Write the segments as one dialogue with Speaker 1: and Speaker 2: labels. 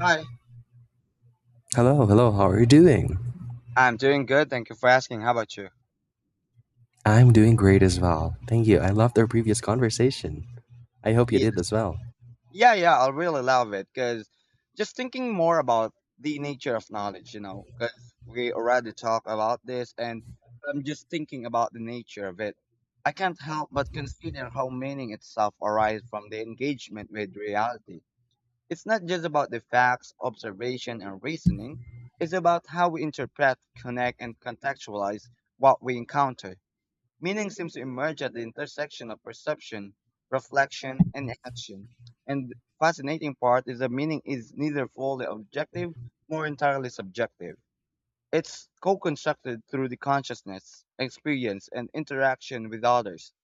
Speaker 1: Hi.
Speaker 2: Hello, hello, how are you doing?
Speaker 1: I'm doing good. Thank you for asking. How about you?
Speaker 2: I'm doing great as well. Thank you. I loved our previous conversation. I hope you
Speaker 1: Yes.
Speaker 2: did as well.
Speaker 1: Yeah, I really love it because just thinking more about the nature of knowledge, you know, because we already talked about this and I'm just thinking about the nature of it. I can't help but consider how meaning itself arises from the engagement with reality. It's not just about the facts, observation, and reasoning, it's about how we interpret, connect, and contextualize what we encounter. Meaning seems to emerge at the intersection of perception, reflection, and action. And the fascinating part is that meaning is neither fully objective nor entirely subjective. It's co-constructed through the consciousness, experience, and interaction with others.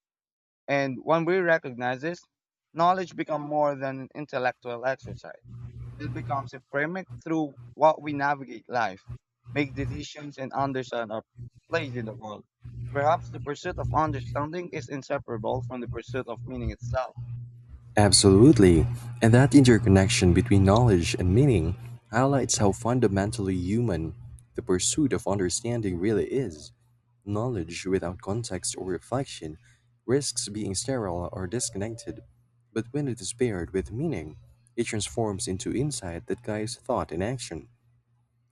Speaker 1: And when we recognize this, knowledge becomes more than an intellectual exercise. It becomes a framework through what we navigate life, make decisions, and understand our place in the world. Perhaps the pursuit of understanding is inseparable from the pursuit of meaning itself.
Speaker 2: Absolutely. And that interconnection between knowledge and meaning highlights how fundamentally human the pursuit of understanding really is. Knowledge without context or reflection risks being sterile or disconnected, but when it is paired with meaning, it transforms into insight that guides thought and action.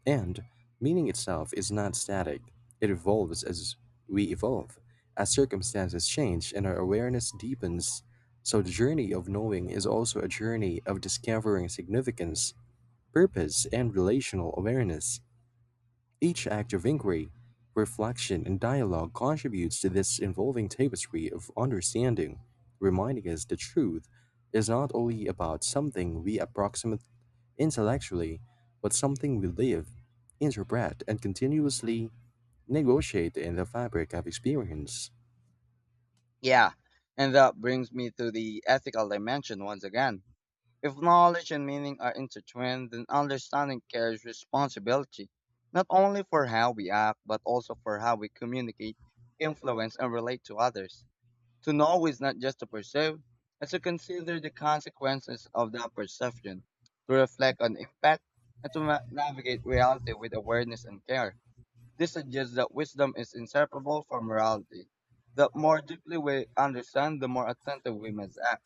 Speaker 2: And, meaning itself is not static, it evolves as we evolve, as circumstances change and our awareness deepens. So, the journey of knowing is also a journey of discovering significance, purpose, and relational awareness. Each act of inquiry, reflection, and dialogue contributes to this evolving tapestry of understanding, reminding us that truth is not only about something we approximate intellectually, but something we live, interpret, and continuously negotiate in the fabric of experience.
Speaker 1: Yeah, and that brings me to the ethical dimension once again. If knowledge and meaning are intertwined, then understanding carries responsibility, not only for how we act, but also for how we communicate, influence, and relate to others. To know is not just to perceive, but to consider the consequences of that perception, to reflect on impact, and to navigate reality with awareness and care. This suggests that wisdom is inseparable from morality. The more deeply we understand, the more attentive we must act.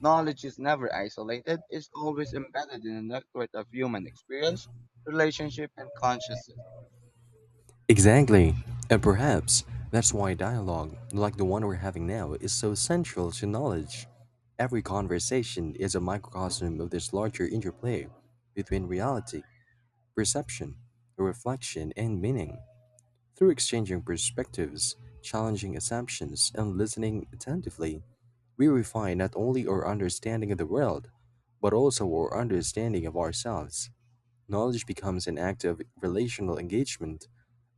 Speaker 1: Knowledge is never isolated, it's always embedded in a network of human experience, relationship, and consciousness.
Speaker 2: Exactly. And perhaps that's why dialogue, like the one we're having now, is so central to knowledge. Every conversation is a microcosm of this larger interplay between reality, perception, reflection, and meaning. Through exchanging perspectives, challenging assumptions, and listening attentively, we refine not only our understanding of the world, but also our understanding of ourselves. Knowledge becomes an act of relational engagement,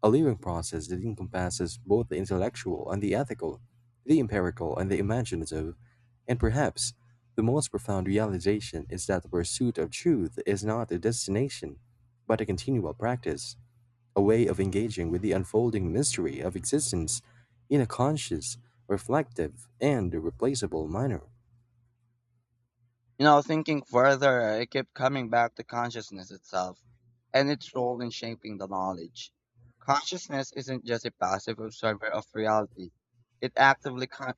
Speaker 2: a living process that encompasses both the intellectual and the ethical, the empirical and the imaginative, and perhaps the most profound realization is that the pursuit of truth is not a destination, but a continual practice, a way of engaging with the unfolding mystery of existence in a conscious, reflective, and irreplaceable manner.
Speaker 1: You know, thinking further, I kept coming back to consciousness itself and its role in shaping the knowledge. Consciousness isn't just a passive observer of reality. It actively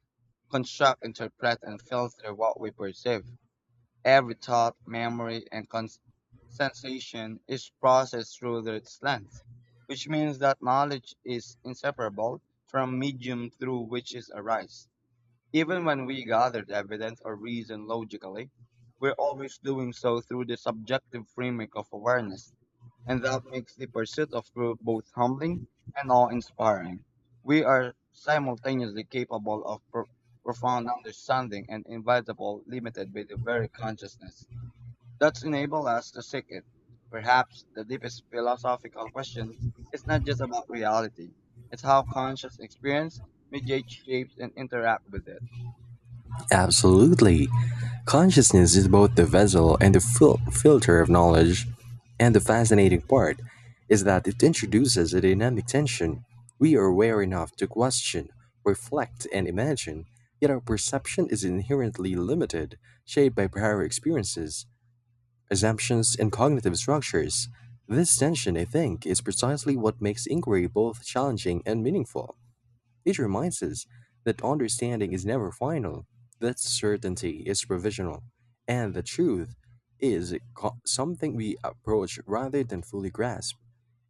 Speaker 1: constructs, interprets, and filters what we perceive. Every thought, memory, and sensation is processed through its lens, which means that knowledge is inseparable from medium through which it arises. Even when we gathered evidence or reason logically, we're always doing so through the subjective framing of awareness, and that makes the pursuit of truth both humbling and awe inspiring. We are simultaneously capable of profound understanding and inevitable limited by the very consciousness that's enabled us to seek it. Perhaps the deepest philosophical question is not just about reality, it's how conscious experience mediates, shapes, and interact with it.
Speaker 2: Absolutely. Consciousness is both the vessel and the filter of knowledge. And the fascinating part is that it introduces a dynamic tension. We are aware enough to question, reflect, and imagine, yet our perception is inherently limited, shaped by prior experiences, assumptions, and cognitive structures. This tension, I think, is precisely what makes inquiry both challenging and meaningful. It reminds us that understanding is never final, that certainty is provisional, and the truth is something we approach rather than fully grasp.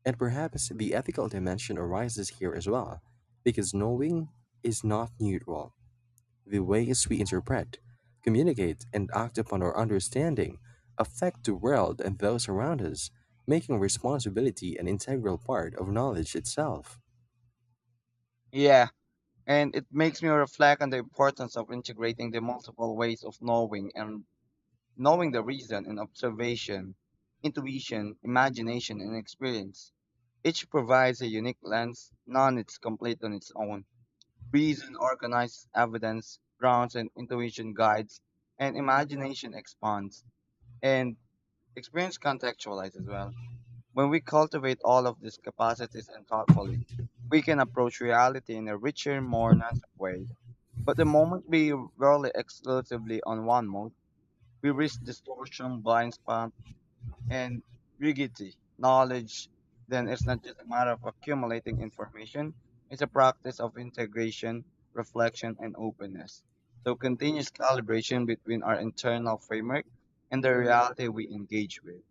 Speaker 2: And perhaps the ethical dimension arises here as well, because knowing is not neutral. The ways we interpret, communicate, and act upon our understanding affect the world and those around us, making responsibility an integral part of knowledge itself.
Speaker 1: Yeah, and it makes me reflect on the importance of integrating the multiple ways of knowing and knowing the reason in observation, intuition, imagination, and experience. Each provides a unique lens, none is complete on its own. Reason organizes evidence, grounds and intuition guides, and imagination expands, and experience contextualizes as well. When we cultivate all of these capacities and thoughtfully, we can approach reality in a richer, more nuanced way but the moment we rely exclusively on one mode, we risk distortion, blind spot, and rigidity. Knowledge then is not just a matter of accumulating information, it's a practice of integration, reflection, and openness. So continuous calibration between our internal framework and the reality we engage with.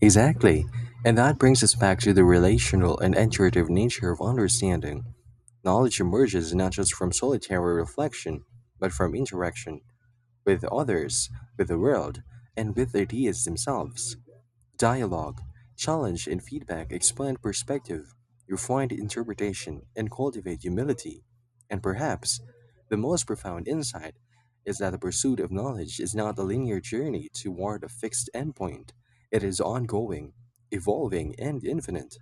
Speaker 2: Exactly, and that brings us back to the relational and iterative nature of understanding. Knowledge emerges not just from solitary reflection, but from interaction with others, with the world, and with ideas themselves. Dialogue, challenge and feedback expand perspective, refine interpretation, and cultivate humility. And perhaps the most profound insight is that the pursuit of knowledge is not a linear journey toward a fixed endpoint. It is ongoing, evolving, and infinite.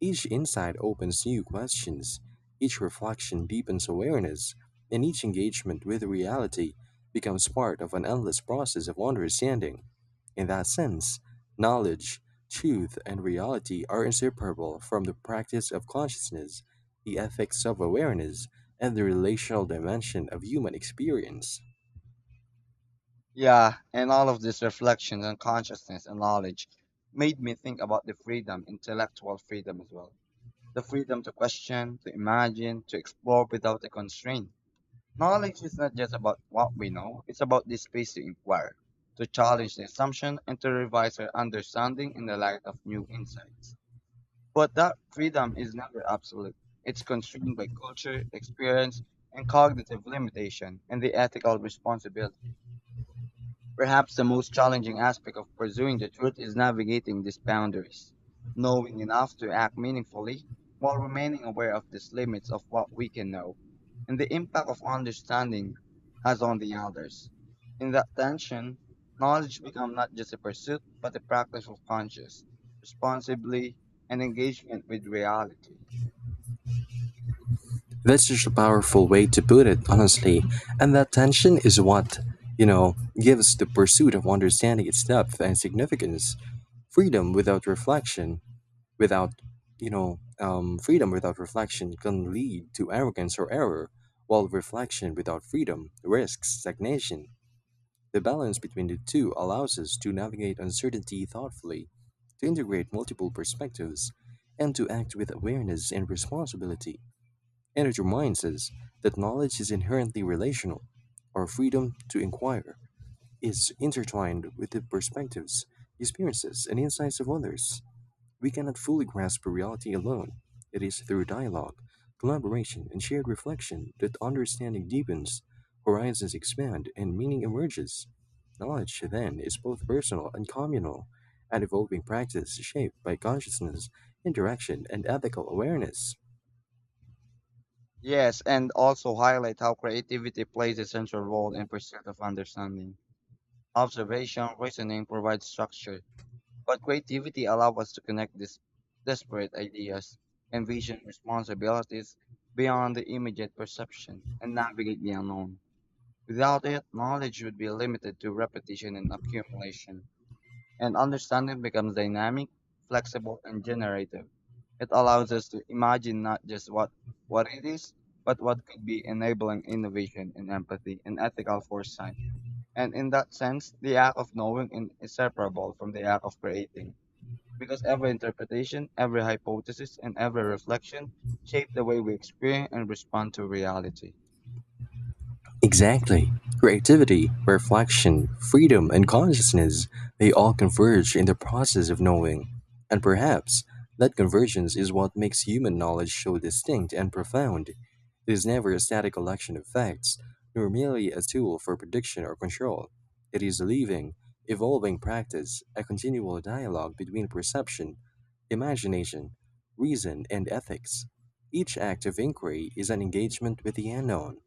Speaker 2: Each insight opens new questions, each reflection deepens awareness, and each engagement with reality becomes part of an endless process of understanding. In that sense, knowledge, truth, and reality are inseparable from the practice of consciousness, the ethics of awareness, and the relational dimension of human experience.
Speaker 1: Yeah, and all of these reflections on consciousness and knowledge made me think about the freedom, intellectual freedom as well the freedom to question, to imagine, to explore without a constraint. Knowledge is not just about what we know, it's about the space to inquire, to challenge the assumption, and to revise our understanding in the light of new insights. But that freedom is never absolute. It's constrained by culture, experience, and cognitive limitation, and the ethical responsibility. Perhaps the most challenging aspect of pursuing the truth is navigating these boundaries, knowing enough to act meaningfully while remaining aware of these limits of what we can know and the impact of understanding has on the others. In that tension, knowledge becomes not just a pursuit but a practice of conscious, responsibly, and engagement with reality.
Speaker 2: That's such a powerful way to put it, honestly. And that tension is what, you know, gives the pursuit of understanding its depth and significance, freedom without reflection, without you know freedom without reflection can lead to arrogance or error, while reflection without freedom risks stagnation. The balance between the two allows us to navigate uncertainty thoughtfully, to integrate multiple perspectives, and to act with awareness and responsibility. And it reminds us that knowledge is inherently relational. Our freedom to inquire is intertwined with the perspectives, experiences, and insights of others. We cannot fully grasp reality alone. It is through dialogue, collaboration, and shared reflection that understanding deepens, horizons expand, and meaning emerges. Knowledge, then, is both personal and communal, an evolving practice shaped by consciousness, interaction, and ethical awareness.
Speaker 1: Yes, and also highlight how creativity plays a central role in pursuit of understanding. Observation, reasoning provides structure. But creativity allows us to connect these desperate ideas, envision responsibilities beyond the immediate perception, and navigate the unknown. Without it, knowledge would be limited to repetition and accumulation, and understanding becomes dynamic, flexible, and generative. It allows us to imagine not just what it is, but what could be enabling innovation and empathy and ethical foresight. And in that sense, the act of knowing is inseparable from the act of creating because every interpretation, every hypothesis, and every reflection shape the way we experience and respond to reality.
Speaker 2: Exactly. Creativity, reflection, freedom, and consciousness, they all converge in the process of knowing. And perhaps that convergence is what makes human knowledge so distinct and profound. It is never a static collection of facts, nor merely a tool for prediction or control. It is a living, evolving practice, a continual dialogue between perception, imagination, reason, and ethics. Each act of inquiry is an engagement with the unknown,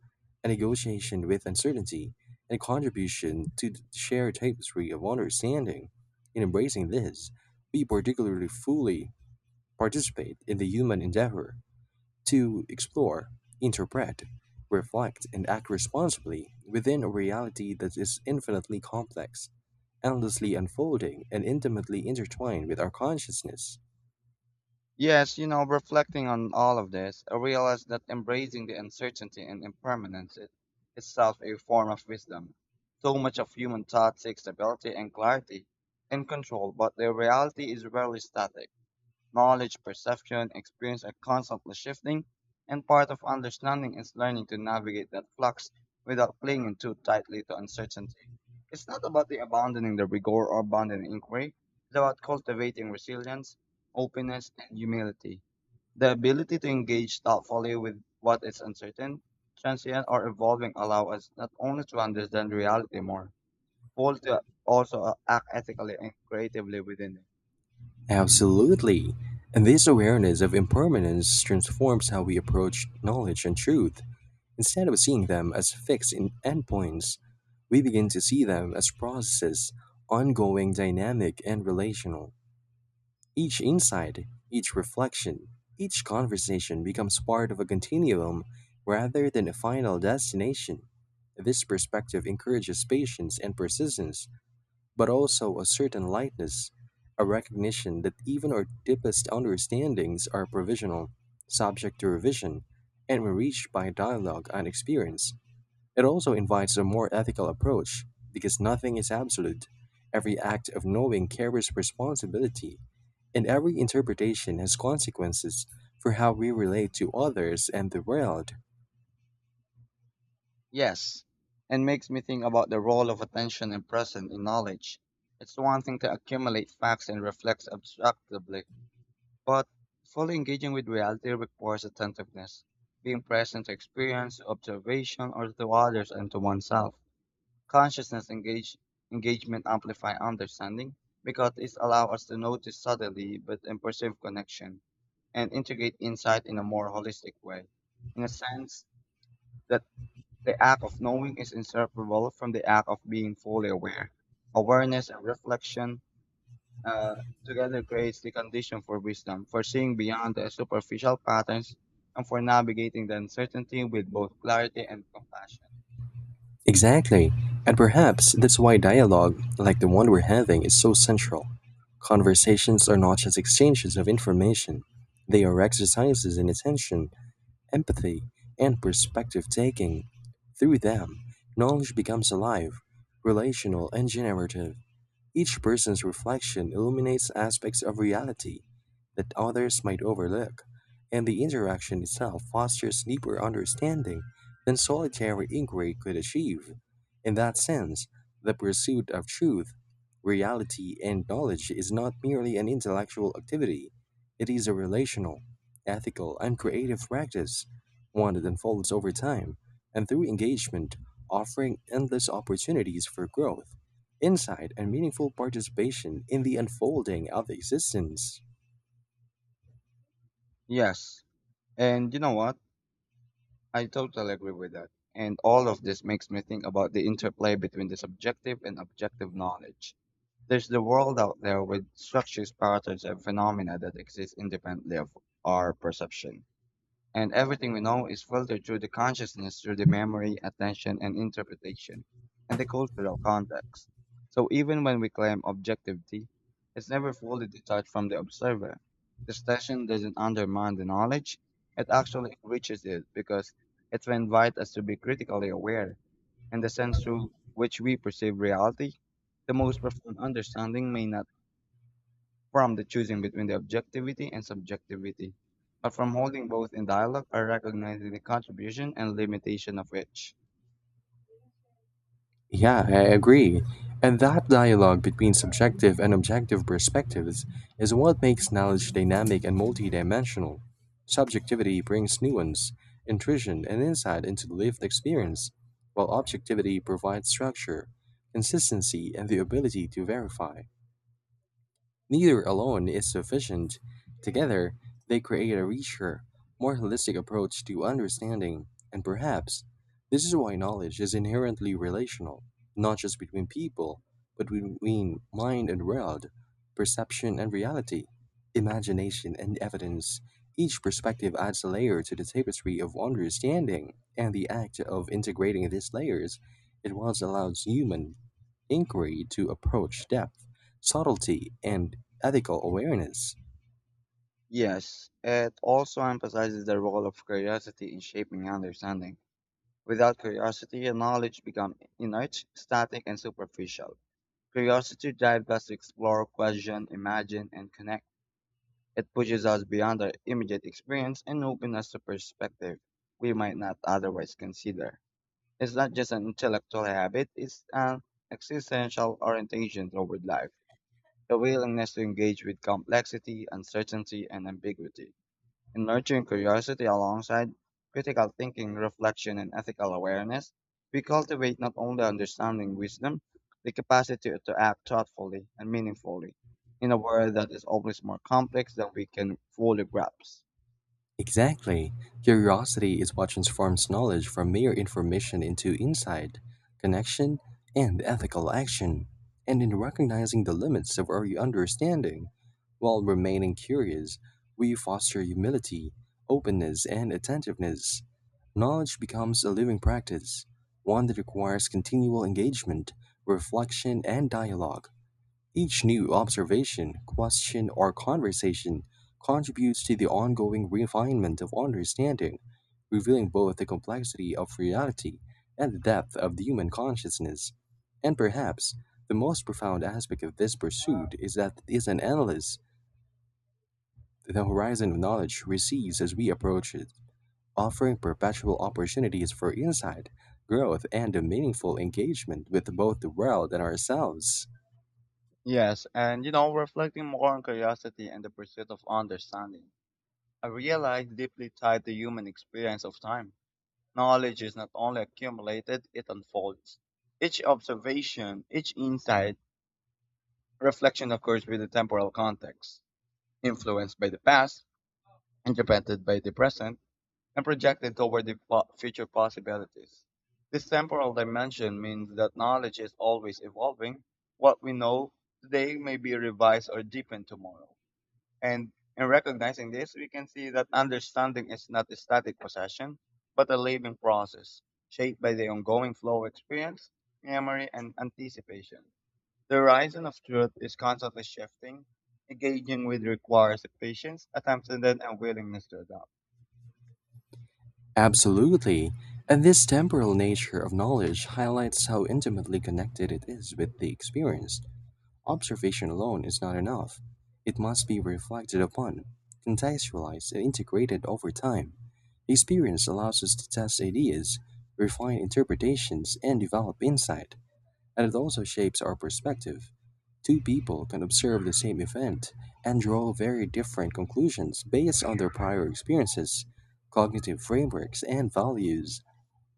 Speaker 2: a negotiation with uncertainty, and a contribution to the shared tapestry of understanding. In embracing this, we particularly fully participate in the human endeavor to explore, interpret, reflect, and act responsibly within a reality that is infinitely complex, endlessly unfolding, and intimately intertwined with our consciousness.
Speaker 1: Yes, you know, reflecting on all of this, I realized that embracing the uncertainty and impermanence is itself a form of wisdom. So much of human thought seeks stability and clarity and control, but the reality is rarely static. Knowledge, perception, experience are constantly shifting, and part of understanding is learning to navigate that flux without clinging too tightly to uncertainty. It's not about the abandoning the rigor or abandoning inquiry. It's about cultivating resilience, openness, and humility. The ability to engage thoughtfully with what is uncertain, transient, or evolving allow us not only to understand reality more, but to also act ethically and creatively within it.
Speaker 2: Absolutely. And this awareness of impermanence transforms how we approach knowledge and truth. Instead of seeing them as fixed in endpoints, we begin to see them as processes, ongoing, dynamic, and relational. Each insight, each reflection, each conversation becomes part of a continuum rather than a final destination. This perspective encourages patience and persistence, but also a certain lightness, a recognition that even our deepest understandings are provisional, subject to revision, and were reached by dialogue and experience. It also invites a more ethical approach, because nothing is absolute. Every act of knowing carries responsibility, and every interpretation has consequences for how we relate to others and the world.
Speaker 1: Yes, and makes me think about the role of attention and presence in knowledge. It's one thing to accumulate facts and reflect abstractly, but fully engaging with reality requires attentiveness, being present to experience, observation, or to others and to oneself. Consciousness engage, engagement amplify understanding because it allows us to notice subtly but and perceive connection and integrate insight in a more holistic way. In a sense, that the act of knowing is inseparable from the act of being fully aware. Awareness and reflection uh, together creates the condition for wisdom, for seeing beyond the superficial patterns, and for navigating the uncertainty with both clarity and compassion.
Speaker 2: Exactly. And perhaps that's why dialogue, like the one we're having, is so central. Conversations are not just exchanges of information, they are exercises in attention, empathy, and perspective taking. Through them, knowledge becomes alive, relational, and generative. Each person's reflection illuminates aspects of reality that others might overlook, and the interaction itself fosters deeper understanding than solitary inquiry could achieve. In that sense, the pursuit of truth, reality, and knowledge is not merely an intellectual activity, it is a relational, ethical, and creative practice, one that unfolds over time and through engagement, offering endless opportunities for growth, insight, and meaningful participation in the unfolding of existence.
Speaker 1: Yes, and you know what? I totally agree with that. And all of this makes me think about the interplay between the subjective and objective knowledge. There's the world out there with structures, patterns, and phenomena that exist independently of our perception. And everything we know is filtered through the consciousness, through the memory, attention, and interpretation, and the cultural context. So even when we claim objectivity, it's never fully detached from the observer. The session doesn't undermine the knowledge, it actually enriches it because it will invite us to be critically aware in the sense through which we perceive reality. The most profound understanding may not from the choosing between the objectivity and subjectivity, but from holding both in dialogue by recognizing the contribution and limitation of each.
Speaker 2: Yeah, I agree. And that dialogue between subjective and objective perspectives is what makes knowledge dynamic and multidimensional. Subjectivity brings nuance, intuition, and insight into the lived experience, while objectivity provides structure, consistency, and the ability to verify. Neither alone is sufficient. Together, they create a richer, more holistic approach to understanding, and perhaps this is why knowledge is inherently relational, not just between people, but between mind and world, perception and reality, imagination and evidence. Each perspective adds a layer to the tapestry of understanding, and the act of integrating these layers it once allows human inquiry to approach depth, subtlety, and ethical awareness.
Speaker 1: Yes, it also emphasizes the role of curiosity in shaping understanding. Without curiosity, knowledge becomes inert, static, and superficial. Curiosity drives us to explore, question, imagine, and connect. It pushes us beyond our immediate experience and opens us to perspective we might not otherwise consider. It's not just an intellectual habit, it's an existential orientation toward life, the willingness to engage with complexity, uncertainty, and ambiguity. In nurturing curiosity alongside critical thinking, reflection, and ethical awareness, we cultivate not only understanding wisdom, the capacity to act thoughtfully and meaningfully in a world that is always more complex than we can fully grasp.
Speaker 2: Exactly. Curiosity is what transforms knowledge from mere information into insight, connection, and ethical action. And in recognizing the limits of our understanding, while remaining curious, we foster humility, openness, and attentiveness. Knowledge becomes a living practice, one that requires continual engagement, reflection, and dialogue. Each new observation, question, or conversation contributes to the ongoing refinement of understanding, revealing both the complexity of reality and the depth of the human consciousness. And perhaps the most profound aspect of this pursuit is that it is an endless, the horizon of knowledge recedes as we approach it, offering perpetual opportunities for insight, growth, and a meaningful engagement with both the world and ourselves.
Speaker 1: Yes, and you know, reflecting more on curiosity and the pursuit of understanding I realized deeply tied the human experience of time. Knowledge is not only accumulated, it unfolds. Each observation, each insight, reflection occurs with a temporal context, influenced by the past, interpreted by the present, and projected toward the future possibilities. This temporal dimension means that knowledge is always evolving. What we know today may be revised or deepened tomorrow. And in recognizing this, we can see that understanding is not a static possession, but a living process shaped by the ongoing flow of experience, memory, and anticipation. The horizon of truth is constantly shifting, engaging with requires patience, attention, and willingness to adapt.
Speaker 2: Absolutely, and this temporal nature of knowledge highlights how intimately connected it is with the experience. Observation alone is not enough. It must be reflected upon, contextualized, and integrated over time. Experience allows us to test ideas, refine interpretations, and develop insight, and it also shapes our perspective. Two people can observe the same event and draw very different conclusions based on their prior experiences, cognitive frameworks, and values.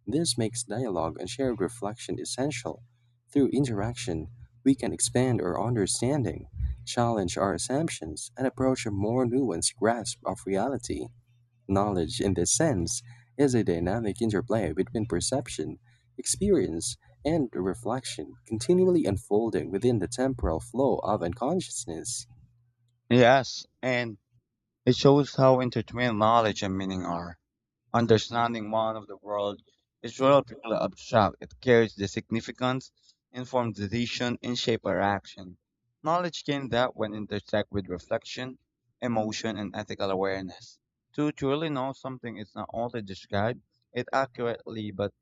Speaker 2: This makes dialogue and shared reflection essential. Through interaction, we can expand our understanding, challenge our assumptions, and approach a more nuanced grasp of reality. Knowledge, in this sense, is a dynamic interplay between perception, experience, and reflection, continually unfolding within the temporal flow of unconsciousness.
Speaker 1: Yes, and it shows how intertwined knowledge and meaning are. Understanding one of the world is relatively abstract. It carries the significance, informs decision, and shape our action. Knowledge gained that when intersect with reflection, emotion, and ethical awareness. To truly know something is not only describe it accurately, but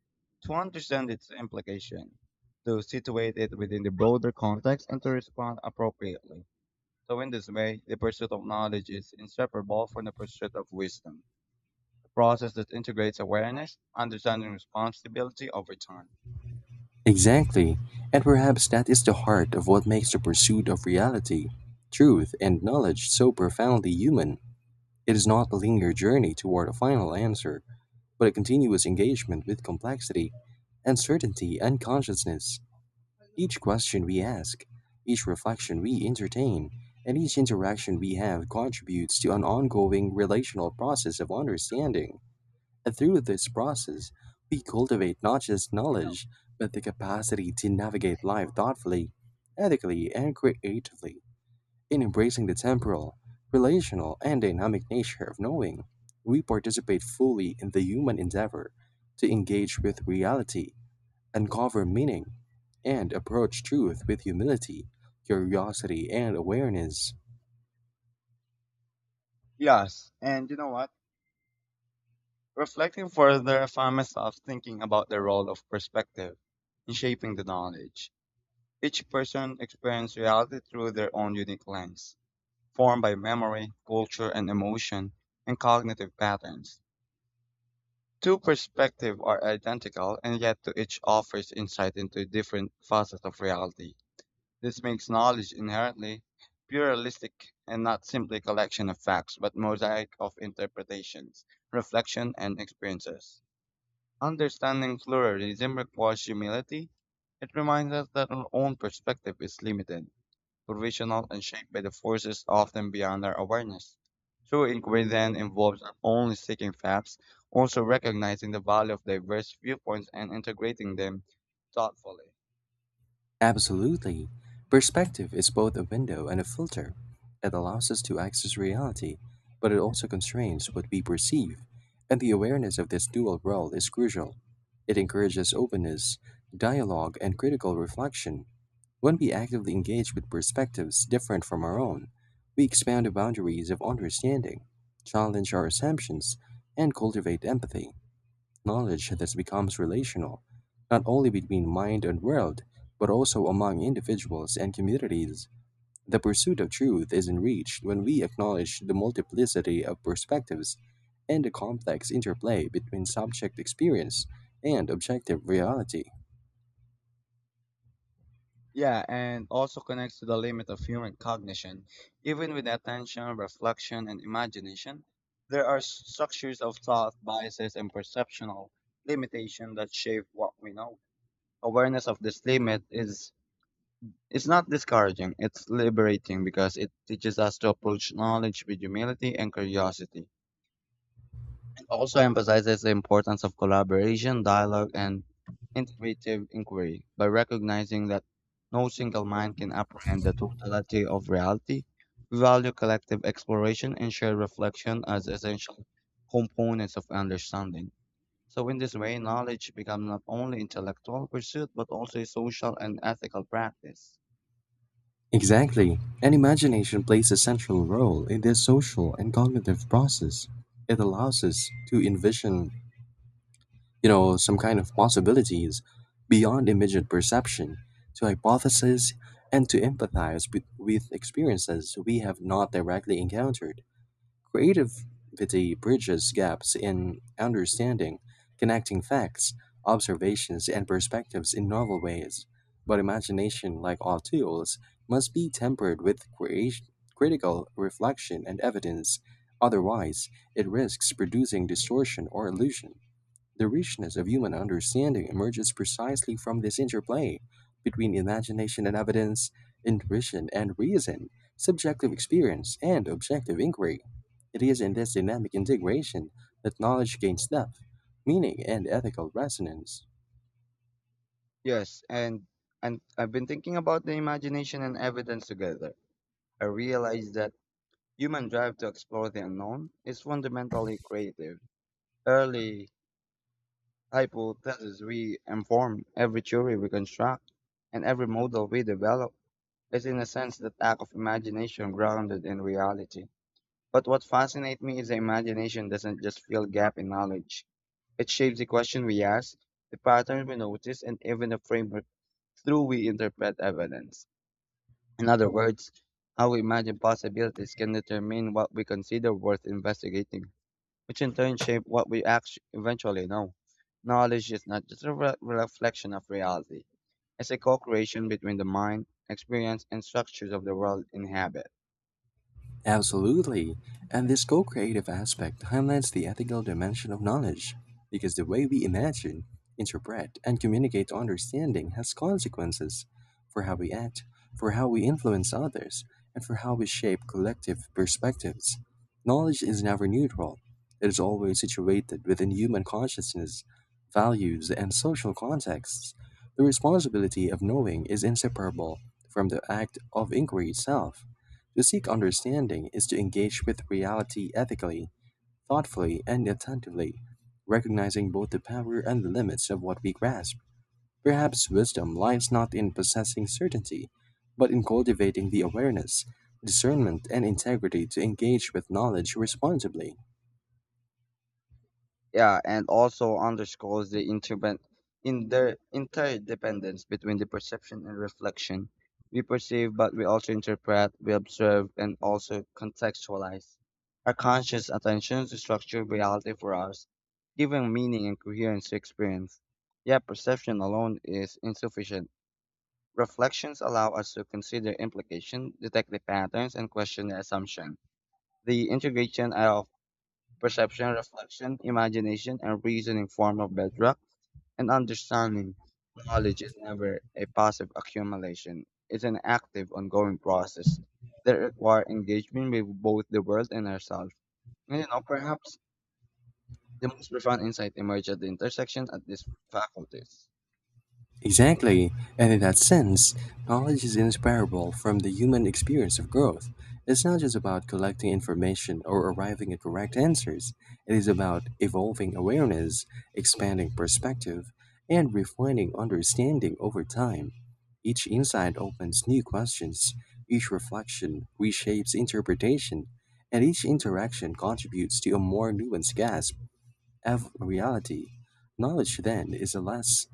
Speaker 1: to understand its implication, to situate it within the broader context, and to respond appropriately. So in this way, the pursuit of knowledge is inseparable from the pursuit of wisdom process that integrates awareness, understanding, and responsibility over time.
Speaker 2: Exactly, and perhaps that is the heart of what makes the pursuit of reality, truth, and knowledge so profoundly human. It is not a linear journey toward a final answer, but a continuous engagement with complexity, uncertainty, and consciousness. Each question we ask, each reflection we entertain, and each interaction we have contributes to an ongoing relational process of understanding. And through this process, we cultivate not just knowledge, but the capacity to navigate life thoughtfully, ethically, and creatively. In embracing the temporal, relational, and dynamic nature of knowing, we participate fully in the human endeavor to engage with reality, uncover meaning, and approach truth with humility, curiosity, and awareness.
Speaker 1: Yes, and you know what? Reflecting further, I found myself thinking about the role of perspective in shaping the knowledge. Each person experiences reality through their own unique lens, formed by memory, culture, and emotion, and cognitive patterns. Two perspectives are identical, and yet to each offers insight into different facets of reality. This makes knowledge inherently pluralistic and not simply a collection of facts, but mosaic of interpretations, reflection, and experiences. Understanding pluralism requires humility. It reminds us that our own perspective is limited, provisional, and shaped by the forces often beyond our awareness. True inquiry then involves not only seeking facts, also recognizing the value of diverse viewpoints and integrating them thoughtfully.
Speaker 2: Absolutely. Perspective is both a window and a filter. It allows us to access reality, but it also constrains what we perceive, and the awareness of this dual world is crucial. It encourages openness, dialogue, and critical reflection. When we actively engage with perspectives different from our own, we expand the boundaries of understanding, challenge our assumptions, and cultivate empathy, knowledge that becomes relational, not only between mind and world, but also among individuals and communities. The pursuit of truth is enriched when we acknowledge the multiplicity of perspectives and the complex interplay between subject experience and objective reality.
Speaker 1: Yeah, and also connects to the limit of human cognition. Even with attention, reflection, and imagination, there are structures of thought, biases, and perceptual limitation that shape what we know. Awareness of this limit is it's not discouraging, it's liberating because it teaches us to approach knowledge with humility and curiosity. It also emphasizes the importance of collaboration, dialogue, and integrative inquiry by recognizing that no single mind can apprehend the totality of reality. We value collective exploration and shared reflection as essential components of understanding. So, in this way, knowledge becomes not only intellectual pursuit but also a social and ethical practice.
Speaker 2: Exactly, and imagination plays a central role in this social and cognitive process. It allows us to envision, some kind of possibilities beyond immediate perception, to hypothesize and to empathize with experiences we have not directly encountered. Creativity bridges gaps in understanding, connecting facts, observations, and perspectives in novel ways. But imagination, like all tools, must be tempered with critical reflection and evidence. Otherwise, it risks producing distortion or illusion. The richness of human understanding emerges precisely from this interplay between imagination and evidence, intuition and reason, subjective experience and objective inquiry. It is in this dynamic integration that knowledge gains depth, meaning, and ethical resonance.
Speaker 1: Yes, and I've been thinking about the imagination and evidence together. I realized that human drive to explore the unknown is fundamentally creative. Early hypotheses we inform, every theory we construct, and every model we develop is in a sense the act of imagination grounded in reality. But what fascinates me is that imagination doesn't just fill gap in knowledge. It shapes the question we ask, the pattern we notice, and even the framework through we interpret evidence. In other words, how we imagine possibilities can determine what we consider worth investigating, which in turn shape what we eventually know. Knowledge is not just a reflection of reality, it's a co creation between the mind, experience, and structures of the world inhabit.
Speaker 2: Absolutely. And this co creative aspect highlights the ethical dimension of knowledge, because the way we imagine, interpret, and communicate understanding has consequences for how we act, for how we influence others, and for how we shape collective perspectives. Knowledge is never neutral; it is always situated within human consciousness, values, and social contexts. The responsibility of knowing is inseparable from the act of inquiry itself. To seek understanding is to engage with reality ethically, thoughtfully, and attentively, recognizing both the power and the limits of what we grasp. Perhaps wisdom lies not in possessing certainty, but in cultivating the awareness, discernment, and integrity to engage with knowledge responsibly.
Speaker 1: Yeah, and also underscores the in the interdependence between the perception and reflection. We perceive, but we also interpret, we observe, and also contextualize. Our conscious attention to structure reality for us, giving meaning and coherence to experience. Yet perception alone is insufficient. Reflections allow us to consider implication, detect the patterns, and question the assumption. The integration of perception, reflection, imagination, and reasoning form of bedrock, and understanding knowledge is never a passive accumulation. It's an active, ongoing process that requires engagement with both the world and ourselves. And you know, perhaps the most profound insight emerge at the intersection of these faculties.
Speaker 2: Exactly, and in that sense, knowledge is inseparable from the human experience of growth. It's not just about collecting information or arriving at correct answers; it is about evolving awareness, expanding perspective, and refining understanding over time. Each insight opens new questions, each reflection reshapes interpretation, and each interaction contributes to a more nuanced grasp of reality. Knowledge, then, is a less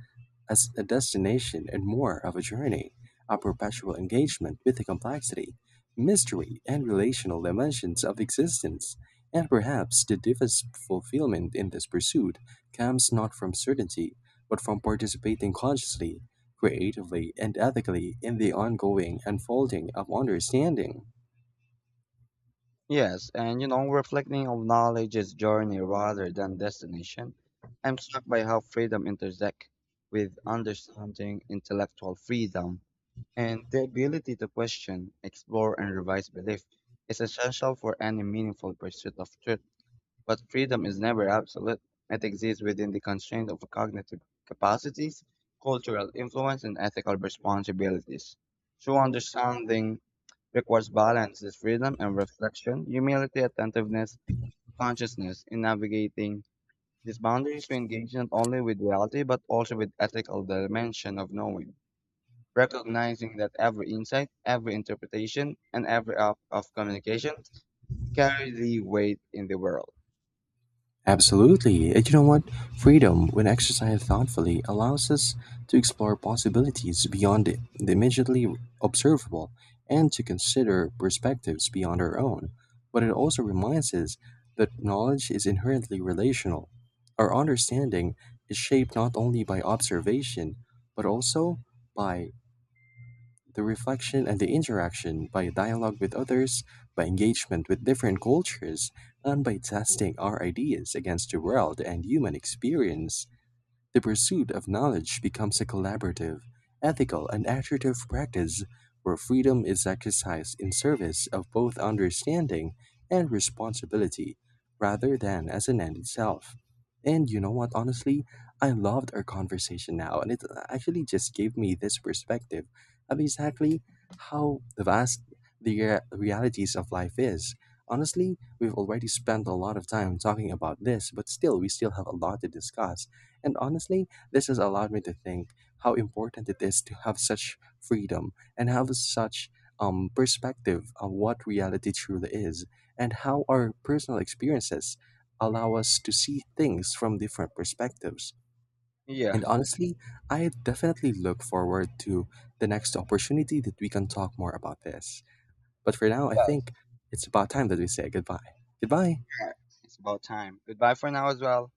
Speaker 2: as a destination and more of a journey, a perpetual engagement with the complexity, mystery, and relational dimensions of existence. And perhaps the deepest fulfillment in this pursuit comes not from certainty, but from participating consciously, creatively, and ethically in the ongoing unfolding of understanding.
Speaker 1: Yes, and you know, reflecting on knowledge is journey rather than destination. I'm struck by how freedom intersects with understanding intellectual freedom. And the ability to question, explore, and revise belief is essential for any meaningful pursuit of truth. But freedom is never absolute. It exists within the constraint of cognitive capacities, cultural influence, and ethical responsibilities. True understanding requires balance, this freedom and reflection, humility, attentiveness, consciousness in navigating these boundaries. We engage not only with reality but also with ethical dimension of knowing recognizing that every insight, every interpretation, and every act of communication carry the weight in the world.
Speaker 2: Absolutely. And you know what? Freedom, when exercised thoughtfully, allows us to explore possibilities beyond the immediately observable and to consider perspectives beyond our own. But it also reminds us that knowledge is inherently relational. Our understanding is shaped not only by observation, but also by the reflection and the interaction, by dialogue with others, by engagement with different cultures, and by testing our ideas against the world and human experience. The pursuit of knowledge becomes a collaborative, ethical, and iterative practice where freedom is exercised in service of both understanding and responsibility rather than as an end itself. And you know what, honestly, I loved our conversation now, and it actually just gave me this perspective of exactly how vast the realities of life is. Honestly, we've already spent a lot of time talking about this, but still, we still have a lot to discuss, and honestly, this has allowed me to think how important it is to have such freedom and have such perspective on what reality truly is and how our personal experiences allow us to see things from different perspectives.
Speaker 1: Yeah,
Speaker 2: And honestly, I definitely look forward to the next opportunity that we can talk more about this. But for now, I
Speaker 1: yes,
Speaker 2: think it's about time that we say goodbye. Goodbye.
Speaker 1: yeah. It's about time. Goodbye for now as well.